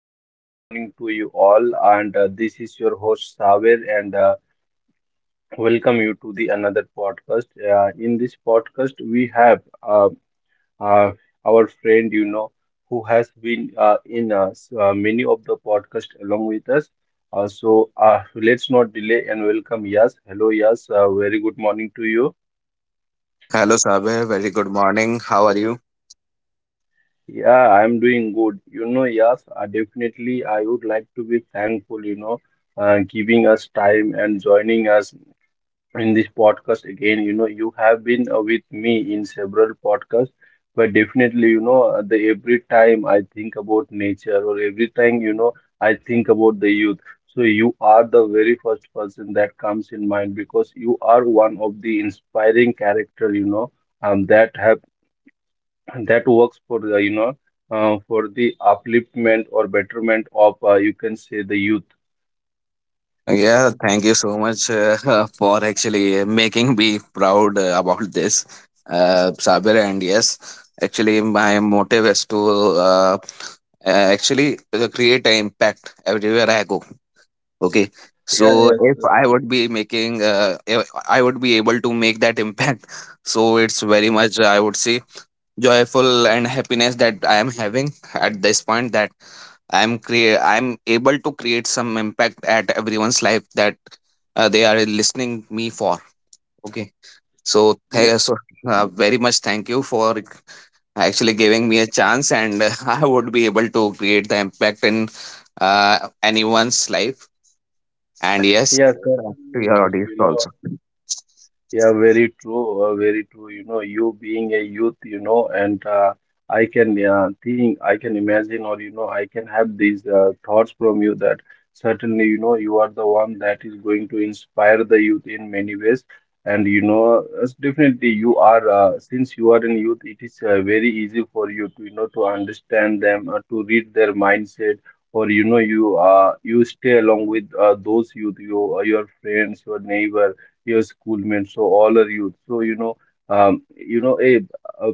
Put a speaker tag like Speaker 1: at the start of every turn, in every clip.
Speaker 1: very good morning to you all, and this is your host Saver, and welcome you to the another podcast. In this podcast, we have uh, our friend, who has been in many of the podcast along with us. Let's not delay and welcome Yas. Hello, Yas. Very good morning to you.
Speaker 2: Hello, Sabir. Very good morning. How are you?
Speaker 1: Yeah, I'm doing good. Yes, definitely. I would like to be thankful, giving us time and joining us in this podcast again. You have been with me in several podcasts, but definitely, you know, the every time I think about nature or every time, I think about the youth. So you are the very first person that comes in mind because you are one of the inspiring character, that have and that works for the, for the upliftment or betterment of, you can say, the youth.
Speaker 2: Yeah, thank you so much for actually making me proud about this, Sabir. And yes, actually, my motive is to uh, uh, actually create an impact everywhere I go. Okay.
Speaker 1: yeah
Speaker 2: So
Speaker 1: yes
Speaker 2: if
Speaker 1: yes
Speaker 2: I would be making, if I would be able to make that impact. So it's very much, I would say, joyful and happiness that I am having at this point, that I'm able to create some impact at everyone's life that they are listening me for. Okay. So
Speaker 1: Yes.
Speaker 2: very much thank you for actually giving me a chance, and I would be able to create the impact in anyone's life. And yes, to
Speaker 1: Certainly,
Speaker 2: your
Speaker 1: yes
Speaker 2: audience
Speaker 1: you
Speaker 2: also.
Speaker 1: know Yeah, very true. Very true. You being a youth, and I can think, I can imagine, or, I can have these thoughts from you that certainly, you are the one that is going to inspire the youth in many ways. And, as definitely you are, since you are in youth, it is very easy for you to, to understand them, to read their mindset, or, you stay along with those youth, you, your friends, your neighbor, your schoolmates, so all are youth. So, um, you know, a, a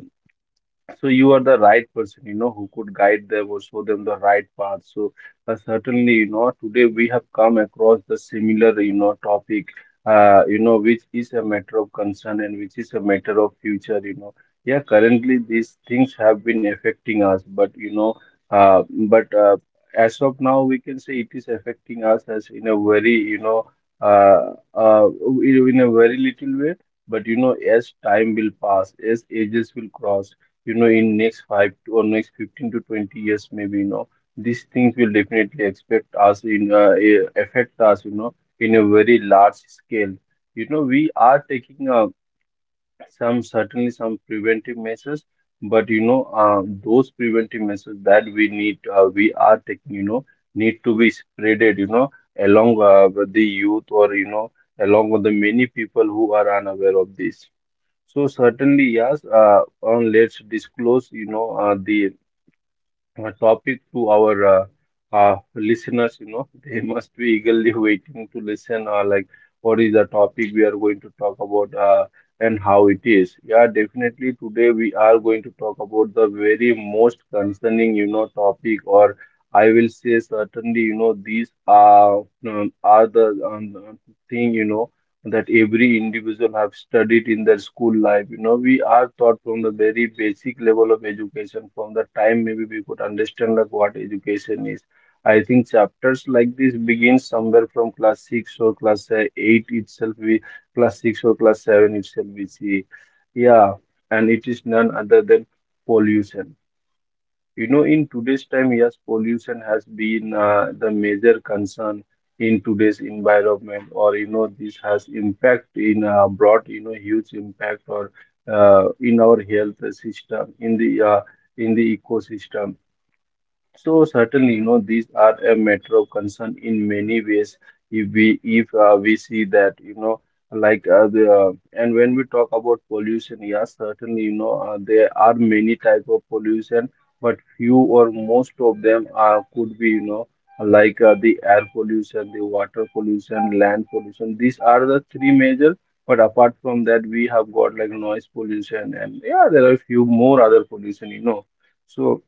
Speaker 1: so you are the right person, who could guide them or show them the right path. So certainly, today we have come across the similar, topic, which is a matter of concern and which is a matter of future. Yeah, currently these things have been affecting us, but, uh, but uh, as of now, we can say it is affecting us as in a very, uh, uh, in a very little way. But, as time will pass, as ages will cross, in next five to, or next 15 to 20 years maybe, these things will definitely expect us in, affect us, in a very large scale. We are taking some certainly some preventive measures, but, those preventive measures that we need, we are taking, need to be spreaded, along with the youth, or, along with the many people who are unaware of this. So certainly, yes. On Let's disclose, the topic to our listeners. They must be eagerly waiting to listen. Like, what is the topic we are going to talk about, and how it is? Yeah, definitely. Today we are going to talk about the very most concerning, topic, or I will say certainly, these are the thing, that every individual have studied in their school life. We are taught from the very basic level of education, from the time maybe we could understand like what education is. I think chapters like this begin somewhere from class 6 or class 8 itself, we class 6 or class 7 itself we see. Yeah. And it is none other than pollution. In today's time, yes, pollution has been the major concern in today's environment, or, this has impact in, brought, huge impact or in our health system, in the ecosystem. So certainly, these are a matter of concern in many ways. If we see that, like the and when we talk about pollution, yes, certainly, there are many type of pollution, but few or most of them are could be, like the air pollution, the water pollution, land pollution. These are the three major. But apart from that, we have got like noise pollution, and yeah, there are few more other pollution. So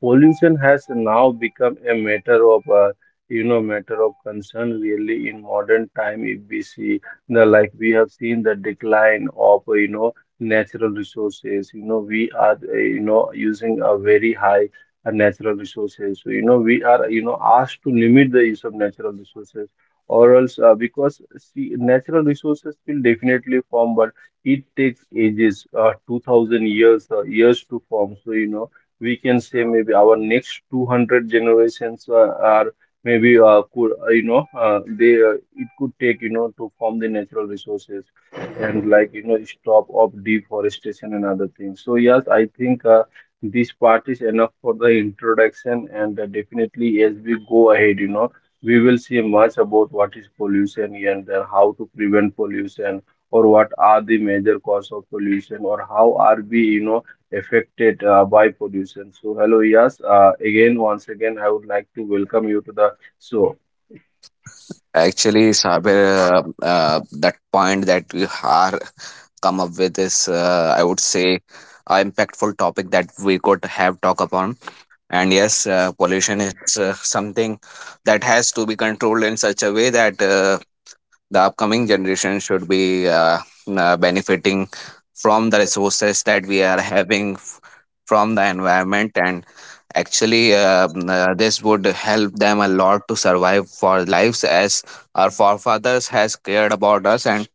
Speaker 1: pollution has now become a matter of concern, really, in modern time. If we see the, like, we have seen the decline of, natural resources. We are using a very high natural resources, so, we are, asked to limit the use of natural resources, or else because see, natural resources will definitely form, but it takes ages, 2000 years to form. So, we can say maybe our next 200 generations are maybe, could you know they it could take, to form the natural resources. And, stop of deforestation and other things. So yes, I think this part is enough for the introduction, and definitely as we go ahead, we will see much about what is pollution and then how to prevent pollution, or what are the major cause of pollution, or how are we, affected by pollution. So, hello, Yas. Again, once again, I would like to welcome you to the show.
Speaker 2: Actually, Sabir, that point that we are come up with is, I would say, a impactful topic that we could have talk upon. And yes, pollution is something that has to be controlled in such a way that the upcoming generation should be benefiting from the resources that we are having from the environment. And actually, this would help them a lot to survive for lives, as our forefathers has cared about us, and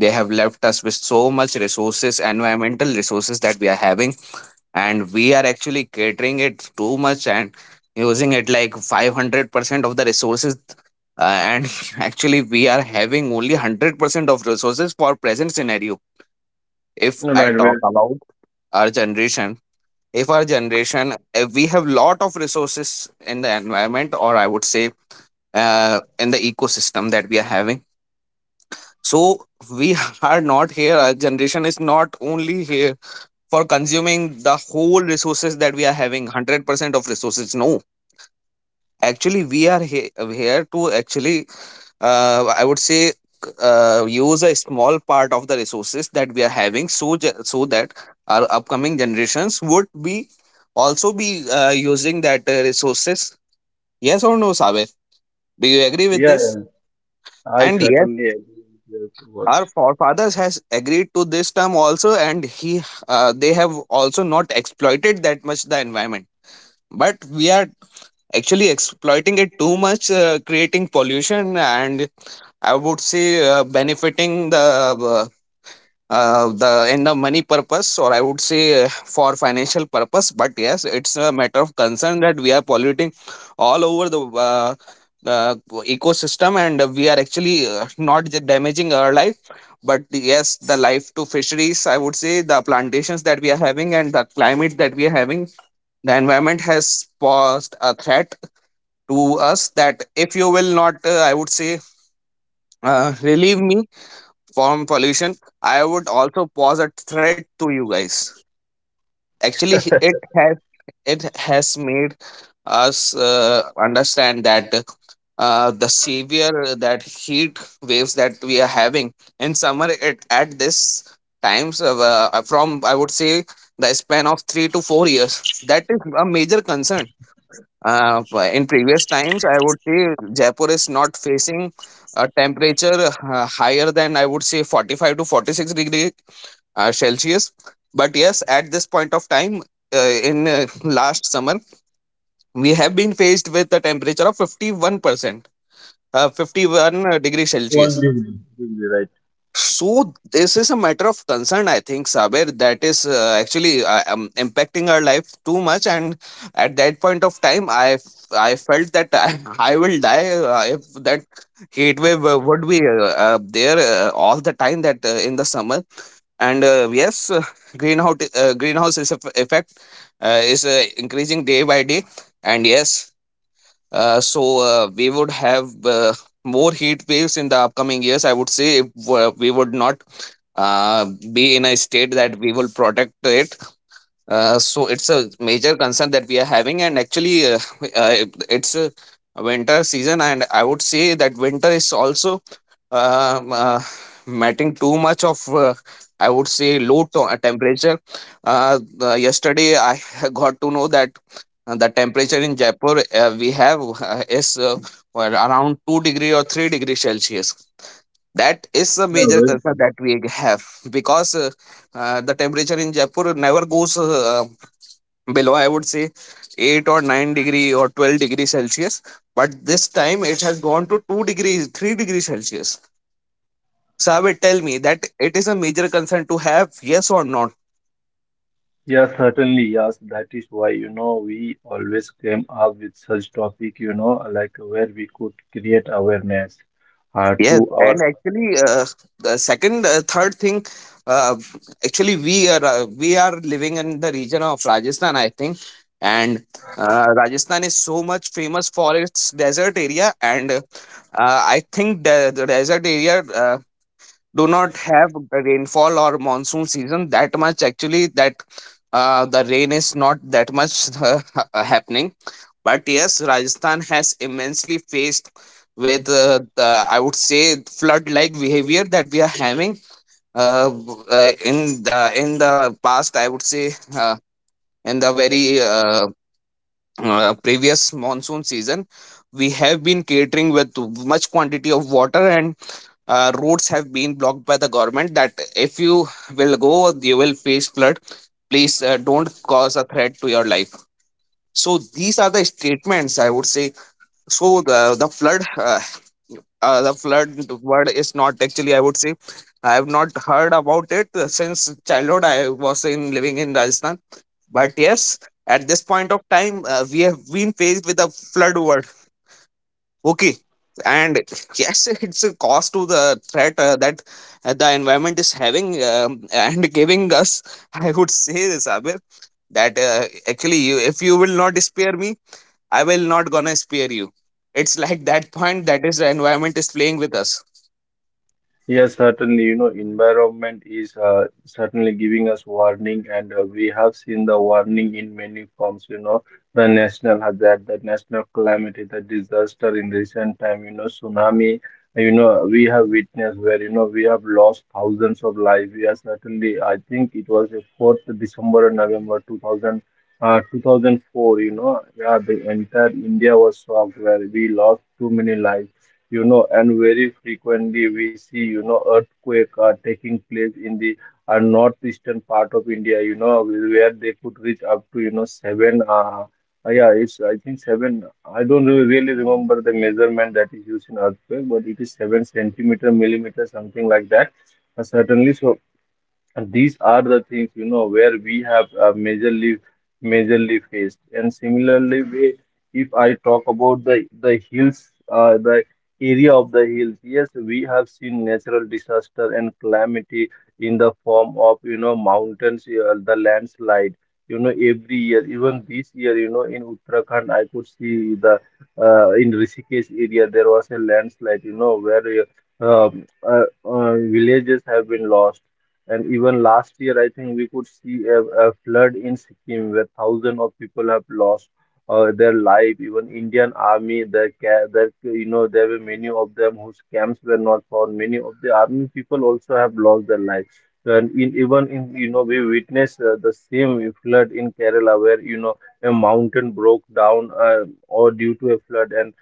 Speaker 2: they have left us with so much resources, environmental resources that we are having. And we are actually catering it too much and using it like 500% of the resources, and actually we are having only 100% of resources for present scenario, if
Speaker 1: All
Speaker 2: I
Speaker 1: right,
Speaker 2: talk
Speaker 1: well,
Speaker 2: about our generation. If we have lot of resources in the environment, or I would say in the ecosystem that we are having. So we are not here, our generation is not only here for consuming the whole resources that we are having, 100% of resources. No, actually we are here to actually I would say use a small part of the resources that we are having, so that our upcoming generations would be also be using that resources. Yes or no, Saber? Do you agree with
Speaker 1: yeah,
Speaker 2: this?
Speaker 1: I
Speaker 2: And yes,
Speaker 1: certainly agree with your
Speaker 2: our
Speaker 1: words.
Speaker 2: forefathers has agreed to this term also, and he they have also not exploited that much the environment. But we are actually exploiting it too much, creating pollution, and I would say benefiting the in the money purpose, or I would say for financial purpose. But yes, it's a matter of concern that we are polluting all over the uh, ecosystem, and we are actually not damaging our life, but yes, the life to fisheries, I would say, the plantations that we are having, and the climate that we are having. The environment has posed a threat to us that if you will not, I would say, relieve me from pollution, I would also pose a threat to you guys. Actually, it has made us understand that the severe that heat waves that we are having in summer, at this times from, I would say, the span of 3 to 4 years, that is a major concern. But in previous times, I would say Jaipur is not facing a temperature higher than, I would say, 45 to 46 degree Celsius. But yes, at this point of time, in last summer, we have been faced with a temperature of 51%, 51 degree
Speaker 1: One
Speaker 2: Celsius.
Speaker 1: degree, degree, right?
Speaker 2: So this is a matter of concern, I think, Saber, that is actually impacting our life too much. And at that point of time, I felt that I, I will die if that heat wave would be there all the time, that in the summer. And yes, greenhouse is effect is increasing day by day. And yes, so we would have more heat waves in the upcoming years, I would say, if we would not uh, be in a state that we will protect it. So it's a major concern that we are having. And actually, it's a winter season, and I would say that winter is also um, uh, matting too much of, I would say, low temperature. Yesterday, I got to know that the temperature in Jaipur, we have is, well, around 2 degree or 3-degree Celsius. That is a
Speaker 1: Yeah,
Speaker 2: major
Speaker 1: very
Speaker 2: concern
Speaker 1: true.
Speaker 2: that we have, because the temperature in Jaipur never goes below, I would say, 8 or 9 degree or 12-degree Celsius, but this time it has gone to 2 degree, 3-degree Celsius. So I will tell me that it is a major concern to have, yes or not?
Speaker 1: Yeah, certainly, yes. That is why, we always came up with such topic, like where we could create awareness
Speaker 2: Yes,
Speaker 1: to our—
Speaker 2: and actually, the second, third thing, uh, actually, we are living in the region of Rajasthan, I think. And Rajasthan is so much famous for its desert area, and I think the desert area do not have the rainfall or monsoon season that much. Actually, that the rain is not that much happening. But yes, Rajasthan has immensely faced with, the, I would say, flood-like behavior that we are having, in the past. I would say in the very previous monsoon season, we have been catering with much quantity of water. And roads have been blocked by the government, that if you will go, you will face flood. Please, don't cause a threat to your life. So these are the statements, I would say. So the flood word is not, actually, I would say, I have not heard about it since childhood. I was in living in Rajasthan. But yes, at this point of time, we have been faced with the flood word. Okay. And yes, it's a cost to the threat, that the environment is having, and giving us. I would say, Sabir, that actually, if you will not spare me, I will not gonna spare you. It's like that point, that is, the environment is playing with us.
Speaker 1: Yes, certainly, environment is certainly giving us warning, and we have seen the warning in many forms, the national hazard, the national calamity, the disaster in recent time, tsunami, we have witnessed where, we have lost thousands of lives. We are certainly, I think it was the 4th December or November 2000, 2004, yeah, the entire India was shocked where we lost too many lives. And very frequently we see, earthquake are taking place in the northeastern part of India, where they could reach up to, yeah, it's, I think seven, I don't really remember the measurement that is used in earthquake, but it is seven centimeter, millimeter, something like that. Certainly, so, and these are the things, where we have majorly faced. And similarly, we, if I talk about the hills, the area of the hills. Yes, we have seen natural disaster and calamity in the form of, mountains, the landslide. Every year, even this year, in Uttarakhand, I could see the in Rishikesh area, there was a landslide, where villages have been lost. And even last year, I think we could see a flood in Sikkim, where thousands of people have lost their life. Even Indian army, their, their, there were many of them whose camps were not found. Many of the army people also have lost their lives. And in, even in, we witnessed the same flood in Kerala, where, a mountain broke down or due to a flood, and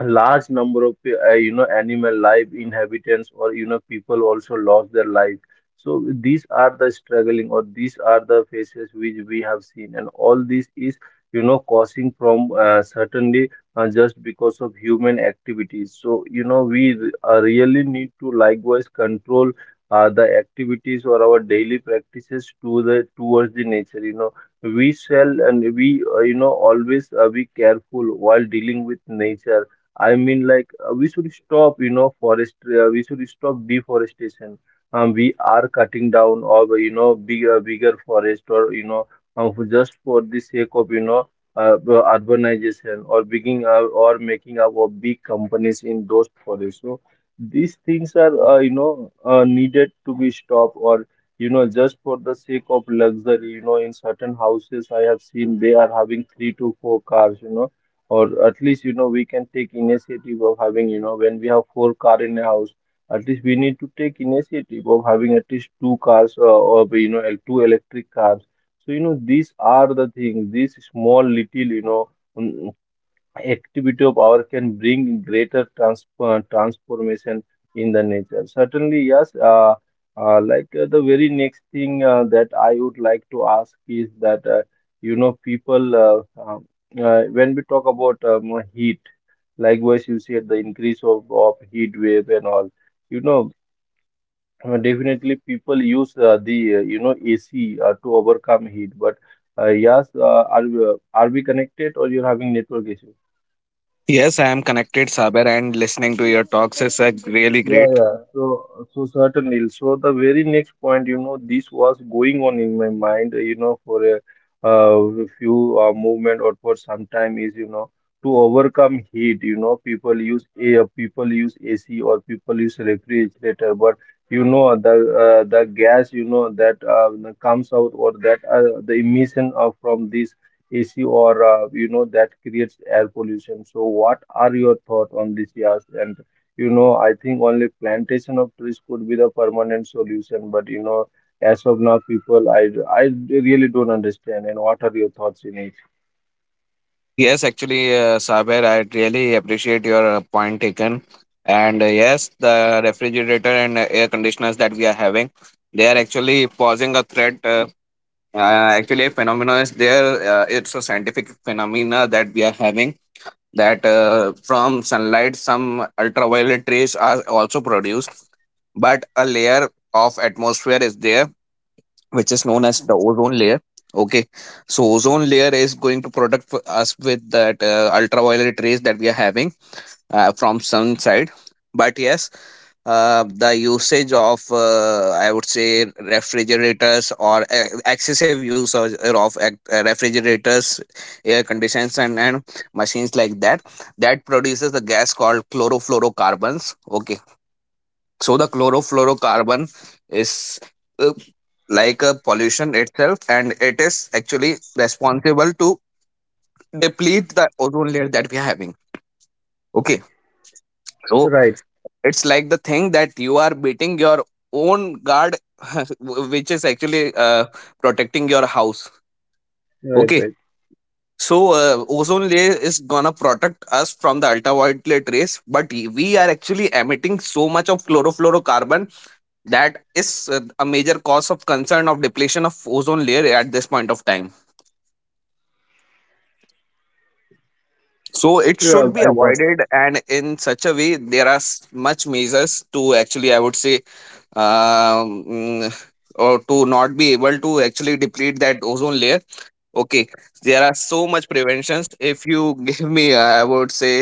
Speaker 1: a large number of, animal life, inhabitants, or, people also lost their life. So these are the struggling, or these are the faces which we have seen, and all this is, causing from certainly just because of human activities. So, we really need to likewise control the activities or our daily practices to the towards the nature. We shall, and we, always be careful while dealing with nature. I mean, like, we should stop, forest, we should stop deforestation. We are cutting down of, bigger, bigger forest, or, just for the sake of, urbanization, or being, or making up of big companies in those forests. So these things are, needed to be stopped or just for the sake of luxury, you know, in certain houses I have seen they are having three to four cars, you know, or at least, you know, we can take initiative of having, you know, when we have four car in a house, at least we need to take initiative of having at least two cars, or you know two electric cars. So you know these are the things, these small little, you know, mm, activity of our can bring greater transformation in the nature. Certainly, yes. Like, the very next thing that I would like to ask is that, you know, people, when we talk about heat, likewise you said the increase of heat wave and all. You know, definitely people use the you know AC, to overcome heat, but yes, are we connected or you're having network issue?
Speaker 2: Yes, I am connected, Saber, and listening to your talks is really
Speaker 1: Yeah,
Speaker 2: great.
Speaker 1: yeah. So certainly. So the very next point, you know, this was going on in my mind, you know, for a few movement or for some time is, you know, to overcome heat. You know, people use air, people use AC, or people use refrigerator. But you know, the gas, you know, that comes out or that the emission from this AC or you know that creates air pollution. So, what are your thoughts on this, Yas? And you know, I think only plantation of trees could be the permanent solution. But you know, as of now, people, I really don't understand. And what are your thoughts in it?
Speaker 2: Yes, actually, Saber, I really appreciate your point taken. And yes, the refrigerator and air conditioners that we are having, they are actually posing a threat. Uh, Actually, a phenomena is there. It's a scientific phenomena that we are having, that from sunlight, some ultraviolet rays are also produced. But a layer of atmosphere is there, which is known as the ozone layer. Okay. So ozone layer is going to protect for us with that ultraviolet rays that we are having, from sun side. But yes, the usage of, I would say, refrigerators, or excessive use of refrigerators, air conditions, and machines like that, that produces the gas called chlorofluorocarbons. Okay. So the chlorofluorocarbon is, uh, like, a pollution itself, and it is actually responsible to deplete the ozone layer that we are having. Okay, so
Speaker 1: Right,
Speaker 2: it's like the thing that you are beating your own guard, which is actually protecting your house.
Speaker 1: right,
Speaker 2: Okay,
Speaker 1: right.
Speaker 2: so ozone layer is gonna protect us from the ultraviolet rays, but we are actually emitting so much of chlorofluorocarbon, that is a major cause of concern of depletion of ozone layer at this point of time. So it
Speaker 1: Yeah,
Speaker 2: should be
Speaker 1: I got it.
Speaker 2: avoided, and in such a way, there are much measures to actually, I would say, um, mm, or to not be able to actually deplete that ozone layer. Okay, there are so much preventions. If you give me, I would say,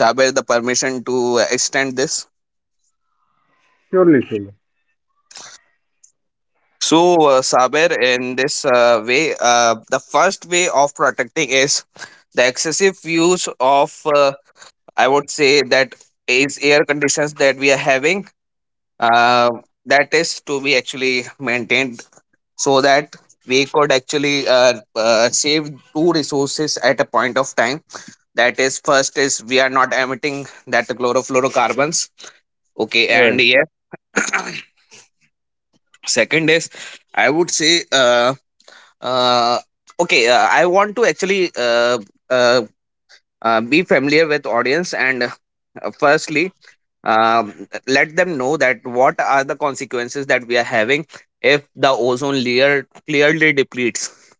Speaker 2: Saber, the permission to extend this.
Speaker 1: Surely, surely.
Speaker 2: So, Saber, in this way, the first way of protecting is the excessive use of, I would say, that is air conditions that we are having. Uh, that is to be actually maintained, so that we could actually save two resources at a point of time. That is, first is we are not emitting that chlorofluorocarbons. Okay, and
Speaker 1: Right.
Speaker 2: yeah, second is, I would say. Uh okay I want to actually uh, be familiar with audience and firstly let them know that what are the consequences that we are having if the ozone layer clearly depletes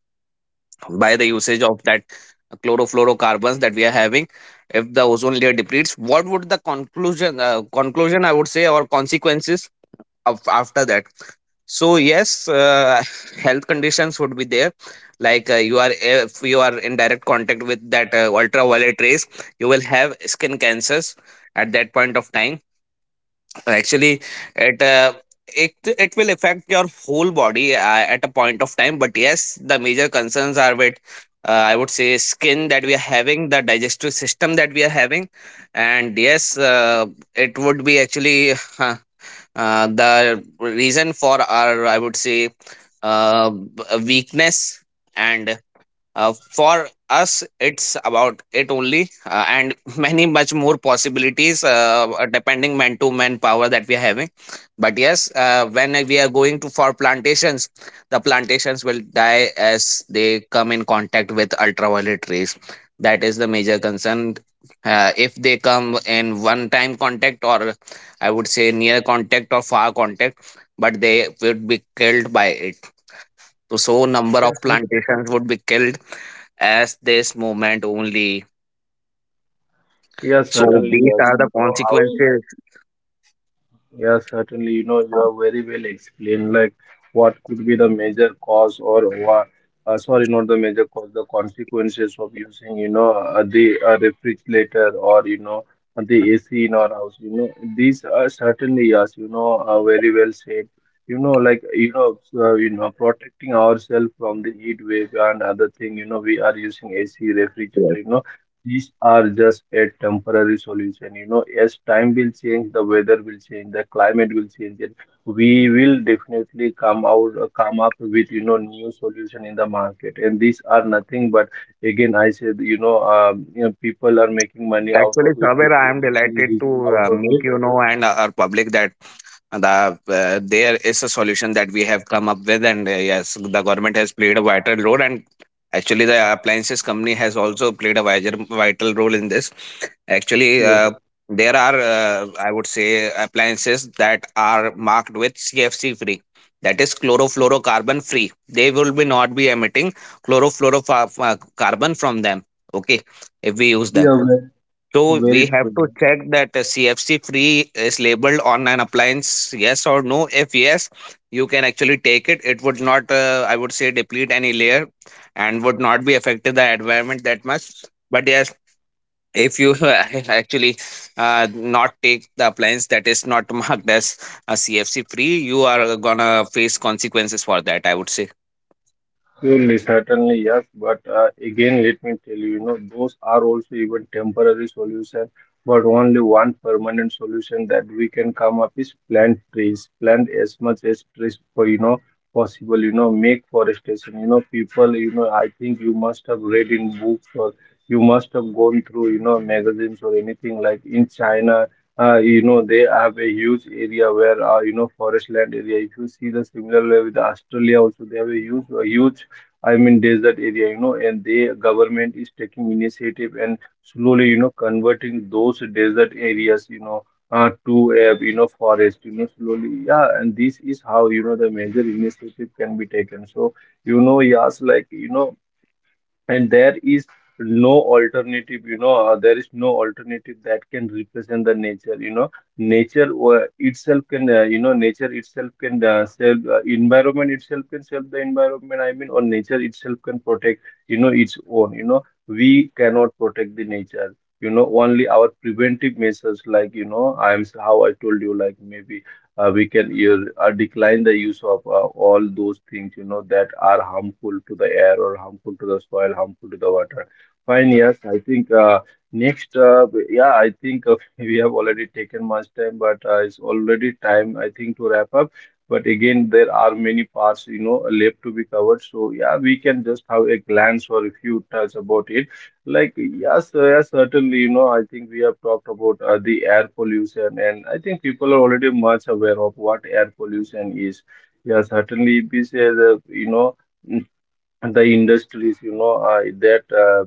Speaker 2: by the usage of that chlorofluorocarbons that we are having. If the ozone layer depletes, what would the conclusion I would say, or consequences of after that. So yes, health conditions would be there. Like you are, if you are in direct contact with that ultraviolet rays, you will have skin cancers at that point of time. Actually, it uh, it will affect your whole body at a point of time. But yes, the major concerns are with. I would say skin that we are having, the digestive system that we are having, and yes, it would be actually the reason for our, I would say, weakness, and for us it's about it only, and many much more possibilities depending man to man power that we are having. But yes, when we are going to for plantations, the plantations will die as they come in contact with ultraviolet rays. That is the major concern. If they come in one time contact, or I would say near contact or far contact, but they would be killed by it. So number of
Speaker 1: Yes, sir.
Speaker 2: plantations would be killed as this movement only.
Speaker 1: Yes,
Speaker 2: So
Speaker 1: certainly,
Speaker 2: these
Speaker 1: yes.
Speaker 2: are the
Speaker 1: So I will.
Speaker 2: consequences.
Speaker 1: Yeah, certainly. You know, you are very well explained, like what could be the major cause or what, sorry, not the major cause, the consequences of using, you know, the refrigerator or, you know, the AC in our house. You know, these are certainly, yes, you know, very well said. You know, like, you know, protecting ourselves from the heat wave and other thing, you know, we are using AC refrigerator, you know, these are just a temporary solution. You know, as time will change, the weather will change, the climate will change, and we will definitely come up with you know new solution in the market. And these are nothing but again, I said you know people are making money out
Speaker 2: Actually,
Speaker 1: of it.
Speaker 2: Saber, I
Speaker 1: People are
Speaker 2: am
Speaker 1: getting
Speaker 2: delighted
Speaker 1: rich
Speaker 2: to
Speaker 1: out of
Speaker 2: make
Speaker 1: it.
Speaker 2: you know and our public that there is a solution that we have come up with, and yes, the government has played a vital role, and actually, the appliances company has also played a vital role in this. Actually,
Speaker 1: Yeah,
Speaker 2: there are I would say appliances that are marked with CFC free. That is chlorofluorocarbon free. They will be not be emitting chlorofluorocarbon from them. Okay, if we use them.
Speaker 1: yeah,
Speaker 2: So we
Speaker 1: very
Speaker 2: have
Speaker 1: true.
Speaker 2: to check that CFC free is labeled on an appliance, yes or no. If yes, you can actually take it. It would not, I would say, deplete any layer, and would not be affecting the environment that much. But yes, if you actually not take the appliance that is not marked as a CFC free, you are gonna face consequences for that. I would say.
Speaker 1: Surely, certainly, yes. But again, let me tell you, you know, those are also even temporary solution. But only one permanent solution that we can come up is plant trees. Plant as much as trees for, you know, possible. You know, make forestation. You know, people. You know, I think you must have read in books or you must have gone through, you know, magazines or anything like in China. You know, they have a huge area where, you know, forest land area. If you see the similar way with Australia, also they have a huge, I'm in desert area, you know, and the government is taking initiative and slowly, you know, converting those desert areas, you know, to a, you know, forest, you know, slowly. Yeah, and this is how, you know, the major initiative can be taken. So, you know, yes, like, you know, and there is no alternative, you know, there is no alternative that can represent the nature, you know. Nature itself can, you know, nature itself can, save, environment itself can save the environment, I mean, or nature itself can protect, you know, its own, you know. We cannot protect the nature, you know, only our preventive measures like, you know, I'm how I told you, like maybe, we can use, decline the use of, all those things, you know, that are harmful to the air or harmful to the soil, harmful to the water. Fine, yes, I think, next yeah, I think, we have already taken much time, but it's already time, I think, to wrap up. But again, there are many parts, you know, left to be covered, so yeah, we can just have a glance or a few touch about it. Like, yes, yes, certainly, you know, I think we have talked about, the air pollution, and I think people are already much aware of what air pollution is. Yeah, certainly, if we say that, you know, the industries, you know, uh, that uh,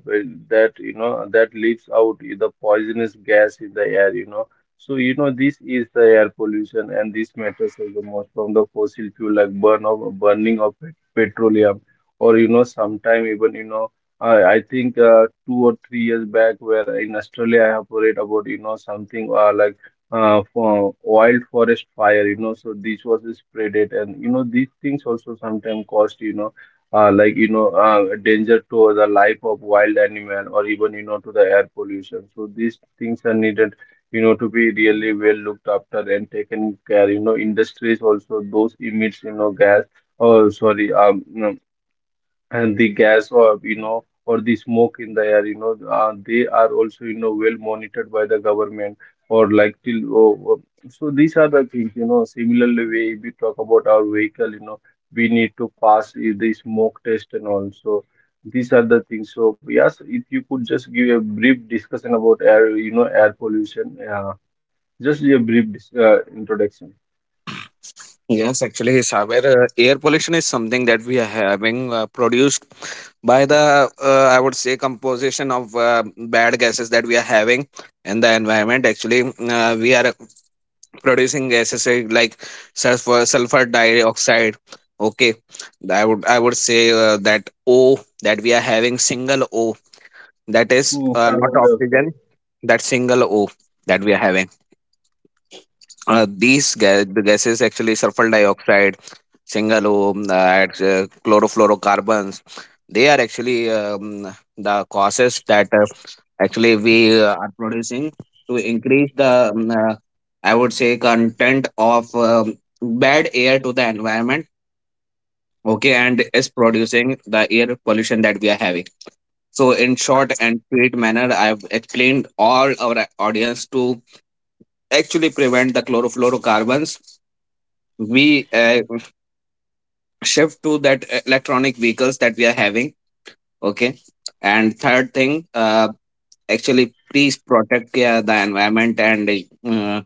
Speaker 1: that you know that leaves out the poisonous gas in the air, you know, so you know this is the air pollution, and this matters as the most from the fossil fuel, like burning of petroleum, or you know sometime even you know I think, 2 or 3 years back, where in Australia I have read about, you know, something, like, for wild forest fire, you know, so this was spreaded, and you know these things also sometimes cost, you know, danger to the life of wild animal or even, you know, to the air pollution. So these things are needed, you know, to be really well looked after and taken care, you know. Industries also, those emits, you know, gas, or sorry, and the gas, or you know, or the smoke in the air, you know, they are also, you know, well monitored by the government, or like till oh, oh. So these are the things, you know, similarly way if we talk about our vehicle, you know, we need to pass the smoke test, and also these are the things. So yes, if you could just give a brief discussion about air, you know, air pollution, just a brief introduction.
Speaker 2: Yes, actually, Saber, air pollution is something that we are having produced by the, I would say, composition of bad gases that we are having in the environment. Actually, we are producing gases like sulfur, sulfur dioxide. Okay, I would say that O that we are having, single O, that is
Speaker 1: Hmm,
Speaker 2: not
Speaker 1: carbon dioxide.
Speaker 2: oxygen, that single O that we are having. The gases, actually sulfur dioxide, Singalom, chlorofluorocarbons, they are actually the causes that actually we are producing, to increase the I would say content of bad air to the environment. Okay, and is producing the air pollution that we are having. So, in short and sweet manner, I have explained all our audience to actually prevent the chlorofluorocarbons. We shift to that electronic vehicles that we are having, okay, and third thing, actually please protect the environment, and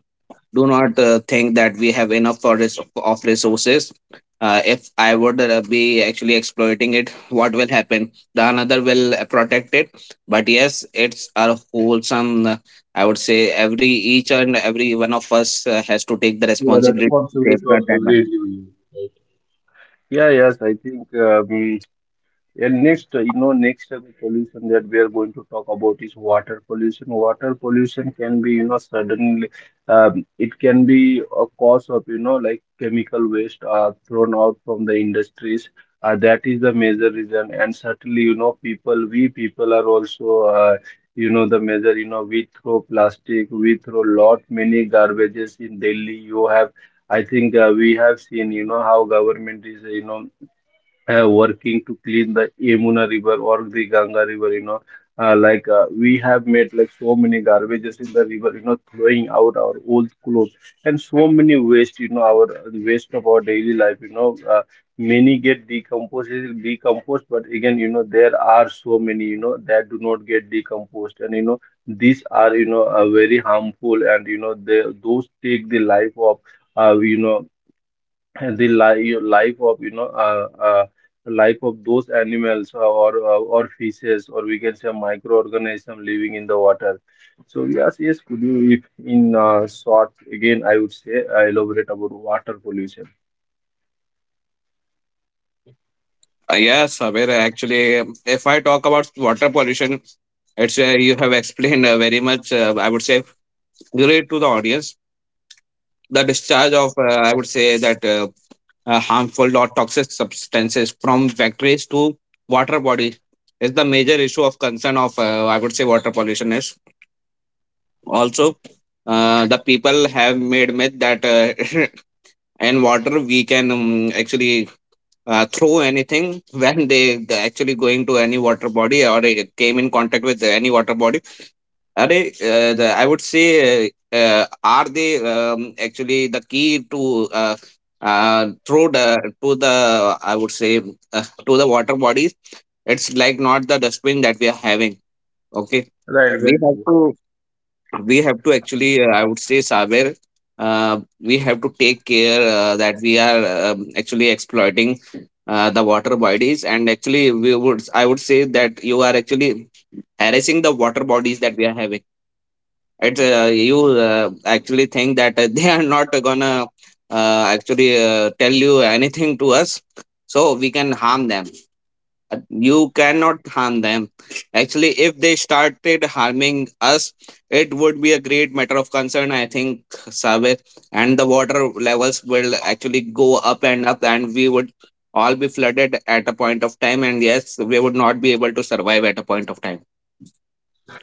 Speaker 2: do not think that we have enough of resources. If I would be actually exploiting it, what will happen, the another will protect it. But yes, it's a wholesome, I would say, every each and every one of us has to take the
Speaker 1: We are
Speaker 2: responsibility to
Speaker 1: responsible for
Speaker 2: safeguard the
Speaker 1: every
Speaker 2: environment.
Speaker 1: individual. Right? Yeah, yes, I think, and next, pollution that we are going to talk about is water pollution. Water pollution can be, you know, suddenly, it can be a cause of, you know, like chemical waste thrown out from the industries. That is the major reason, and certainly, you know, people, we people are also, you know, the major, you know, we throw plastic, we throw lot many garbages in Delhi. You have, I think, we have seen, you know, how government is, you know, working to clean the Yamuna River or the Ganga River, you know. Like, we have made like so many garbages in the river, you know, throwing out our old clothes and so many waste, you know, our waste of our daily life, you know, many get decomposed, decomposed, but again, you know, there are so many, you know, that do not get decomposed, and you know, these are, you know, very harmful, and you know, they those take the life of, you know, and the life of, you know, life of those animals or or fishes, or we can say microorganism living in the water. So yes, yes, could you, if in, short, again I would say, elaborate about water pollution.
Speaker 2: Yes, Sabir. Actually, if I talk about water pollution, it's you have explained very much. I would say great to the audience. The discharge of I would say that harmful or toxic substances from factories to water bodies is the major issue of concern of, I would say, water pollution is also. The people have made myth that in water we can actually throw anything when they actually going to any water body, or they came in contact with any water body. Are the, I would say, are they actually the key to through the to the, I would say, to the water bodies? It's like not the dustbin that we are having. Okay,
Speaker 1: Right.
Speaker 2: we have
Speaker 1: Well,
Speaker 2: to we have to actually, I would say, Saber. We have to take care that we are, actually exploiting the water bodies, and actually we would, I would say, that you are actually harassing the water bodies that we are having. It's you actually think that they are not gonna actually tell you anything to us, so we can harm them. Uh, you cannot harm them. Actually, if they started harming us, it would be a great matter of concern, I think, Sabir, and the water levels will actually go up and up, and we would all be flooded at a point of time, and yes, we would not be able to survive at a point of time.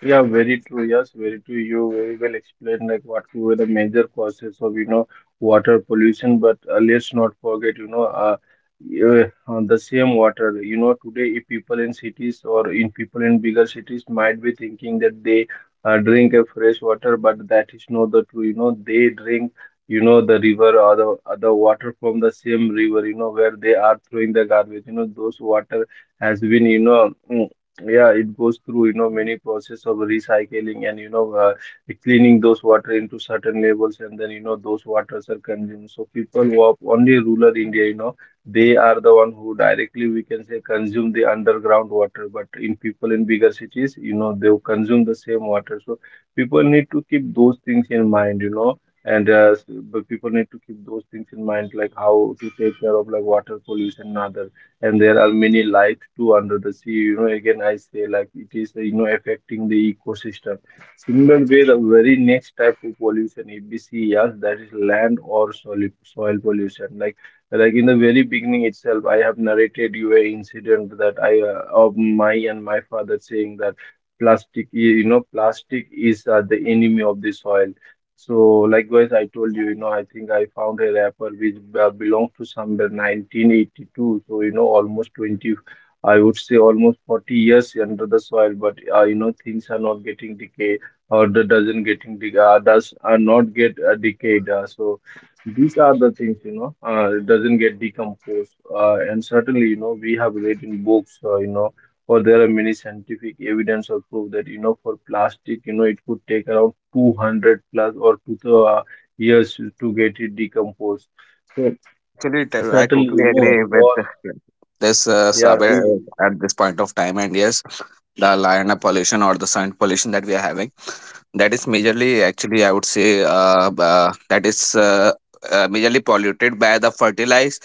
Speaker 1: yeah, very true. Yes, very true. You very well explained like what were the major causes of, you know, water pollution. But let's not forget, you know, the same water. You know today, if people in cities or in people in bigger cities might be thinking that they, drink a fresh water, but that is not the true. You know they drink, you know, the river or the other water from the same river. You know where they are throwing the garbage. You know those water has been, you know. Yeah, it goes through, you know, many process of recycling and, you know, cleaning those water into certain levels, and then, you know, those waters are consumed. So people who are only rural India, you know, they are the one who directly, we can say, consume the underground water. But in people in bigger cities, you know, they consume the same water. So people need to keep those things in mind, you know, but people need to keep those things in mind, like how to take care of like water pollution and other. And there are many lives too under the sea. You know, again, I say like it is, you know, affecting the ecosystem. Similar way, the very next type of pollution, if we see, yes, that is land or soil pollution. Like in the very beginning itself, I have narrated you a incident that I of my and my father saying that plastic, I- you know, plastic is the enemy of the soil. So likewise, I told you, I think I found a rapper which belongs to somewhere 1982. So, almost 20, I would say almost 40 years under the soil. But, things are not getting decay or the doesn't getting de does are not get decayed. So these are the things, it doesn't get decomposed. And certainly, we have read in books, or there are many scientific evidence or proof that for plastic it could take around 200 plus or years to get it decomposed. So.
Speaker 2: Yeah, actually, I
Speaker 1: Certainly,
Speaker 2: totally agree with
Speaker 1: for.
Speaker 2: this,
Speaker 1: Yeah,
Speaker 2: Saber,
Speaker 1: we.
Speaker 2: at this point of time. And yes, the lineup pollution or the sound pollution that we are having, that is majorly, actually, I would say, that is majorly polluted by the fertilize,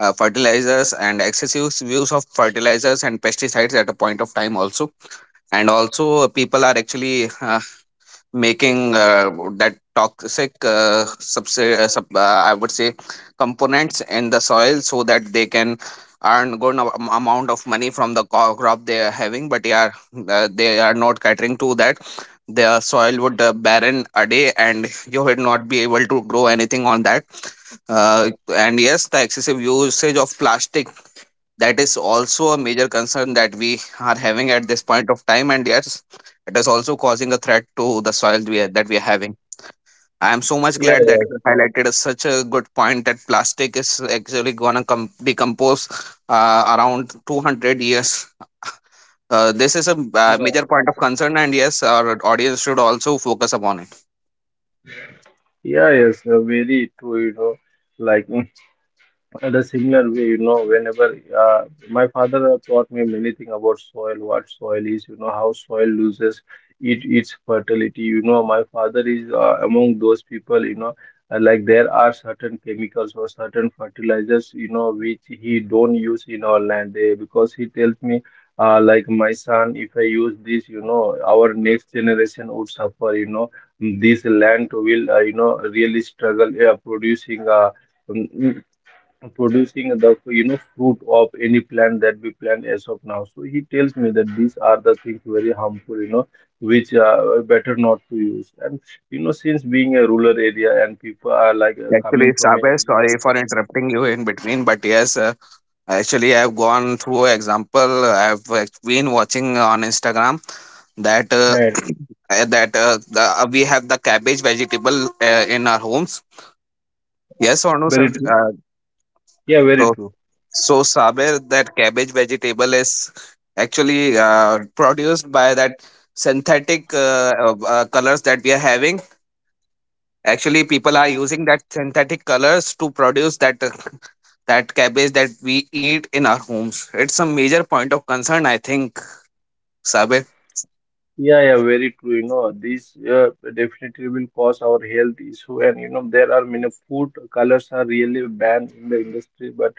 Speaker 2: uh, fertilizers and excessive use of fertilizers and pesticides at a point of time also. And also, people are actually making that toxic I would say components in the soil so that they can earn good, no, amount of money from the crop they are having. But yeah, they are not catering to that. The soil would barren a day, and you would not be able to grow anything on that. And yes, the excessive usage of plastic, that is also a major concern that we are having at this point of time. And yes, it is also causing a threat to the soil that we are having. I am so much
Speaker 1: Yeah,
Speaker 2: glad that you highlighted a, such a good point that plastic is actually gonna decompose around 200 years. This is a
Speaker 1: yeah, yeah,
Speaker 2: major point of concern, and yes, our audience should also focus upon it.
Speaker 1: yeah, yes, very true, like. At a similar way, whenever my father taught me many things about soil, what soil is, how soil loses its fertility. My father is among those people, like there are certain chemicals or certain fertilizers, which he don't use in our land because he tells me, like my son, if I use this, our next generation would suffer, this land will, really struggle producing. Producing the fruit of any plant that we plant as of now. So he tells me that these are the things very harmful, which are better not to use. And since being a rural area and people are like
Speaker 2: Actually,
Speaker 1: coming from
Speaker 2: Sabes, sorry for
Speaker 1: agriculture.
Speaker 2: interrupting you in between, but yes, actually, I've gone through example. I've been watching on Instagram that
Speaker 1: And
Speaker 2: we have the cabbage vegetable in our homes. Yes or no, sir?
Speaker 1: very true. Yeah, very
Speaker 2: So,
Speaker 1: true.
Speaker 2: so Saber, that cabbage vegetable is actually produced by that synthetic colors that we are having. Actually, people are using that synthetic colors to produce that that cabbage that we eat in our homes. It's a major point of concern, I think. Sabir?
Speaker 1: Yeah, yeah, very true, these definitely will cause our health issue. And there are many food colors are really banned in the industry, but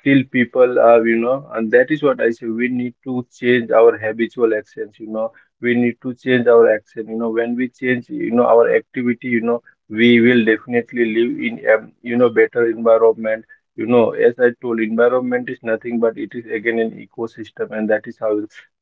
Speaker 1: still people are, and that is what I say. We need to change our habitual actions. We need to change our action. When we change, our activity, we will definitely live in a better environment. As I told, environment is nothing but it is again an ecosystem, and that is how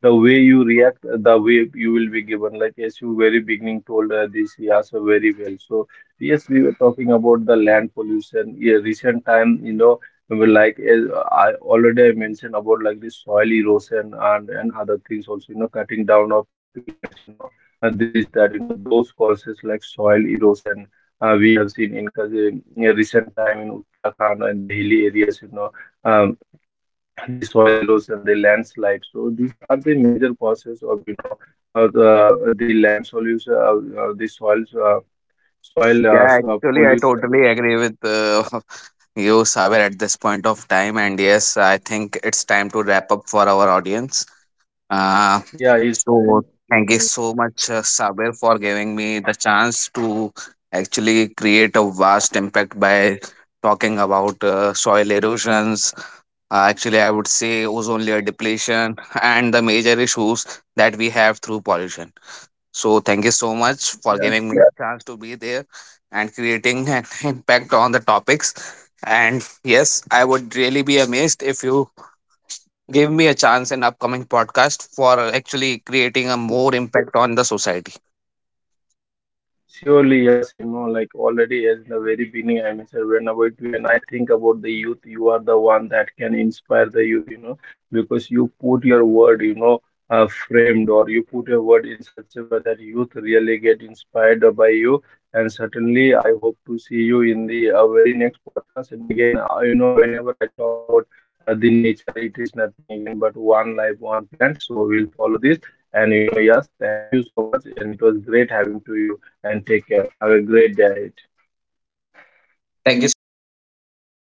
Speaker 1: the way you react, the way you will be given. Like as you very beginning told this, yeah, so very well. So yes, we were talking about the land pollution. Yeah, recent time, well, like as I already I mentioned about like the soil erosion and other things also, cutting down of plants, and this that those causes like soil erosion. We have seen in cause in a recent time in Uttarakhand and the hilly areas, um, the soil erosion, the landslide. So these are the major causes of, the land solution, the soils soil
Speaker 2: Yeah,
Speaker 1: so
Speaker 2: actually, I
Speaker 1: pollution.
Speaker 2: totally agree with you, Sabir, at this point of time. And yes, I think it's time to wrap up for our audience. Uh,
Speaker 1: Yeah, it's time.
Speaker 2: so, thank you so much, Sabir, for giving me the chance to actually create a vast impact by talking about soil erosions. Actually, I would say ozone layer depletion and the major issues that we have through pollution. So thank you so much for
Speaker 1: Yeah.
Speaker 2: giving me, yeah, a chance to be there and creating an impact on the topics. And yes, I would really be amazed if you give me a chance in upcoming podcast for actually creating a more impact on the society.
Speaker 1: Surely, yes, like already as in the very beginning, I mentioned whenever when I think about the youth, you are the one that can inspire the youth, because you put your word, framed or you put your word in such a way that youth really get inspired by you. And certainly, I hope to see you in the very next podcast. And again, whenever I talk about the nature, it is nothing again but one life, one plant. So we'll follow this. And yes, thank you so much. And it was great having to you and take care. Have a great day.
Speaker 2: Thank you so much, Sabe, for giving me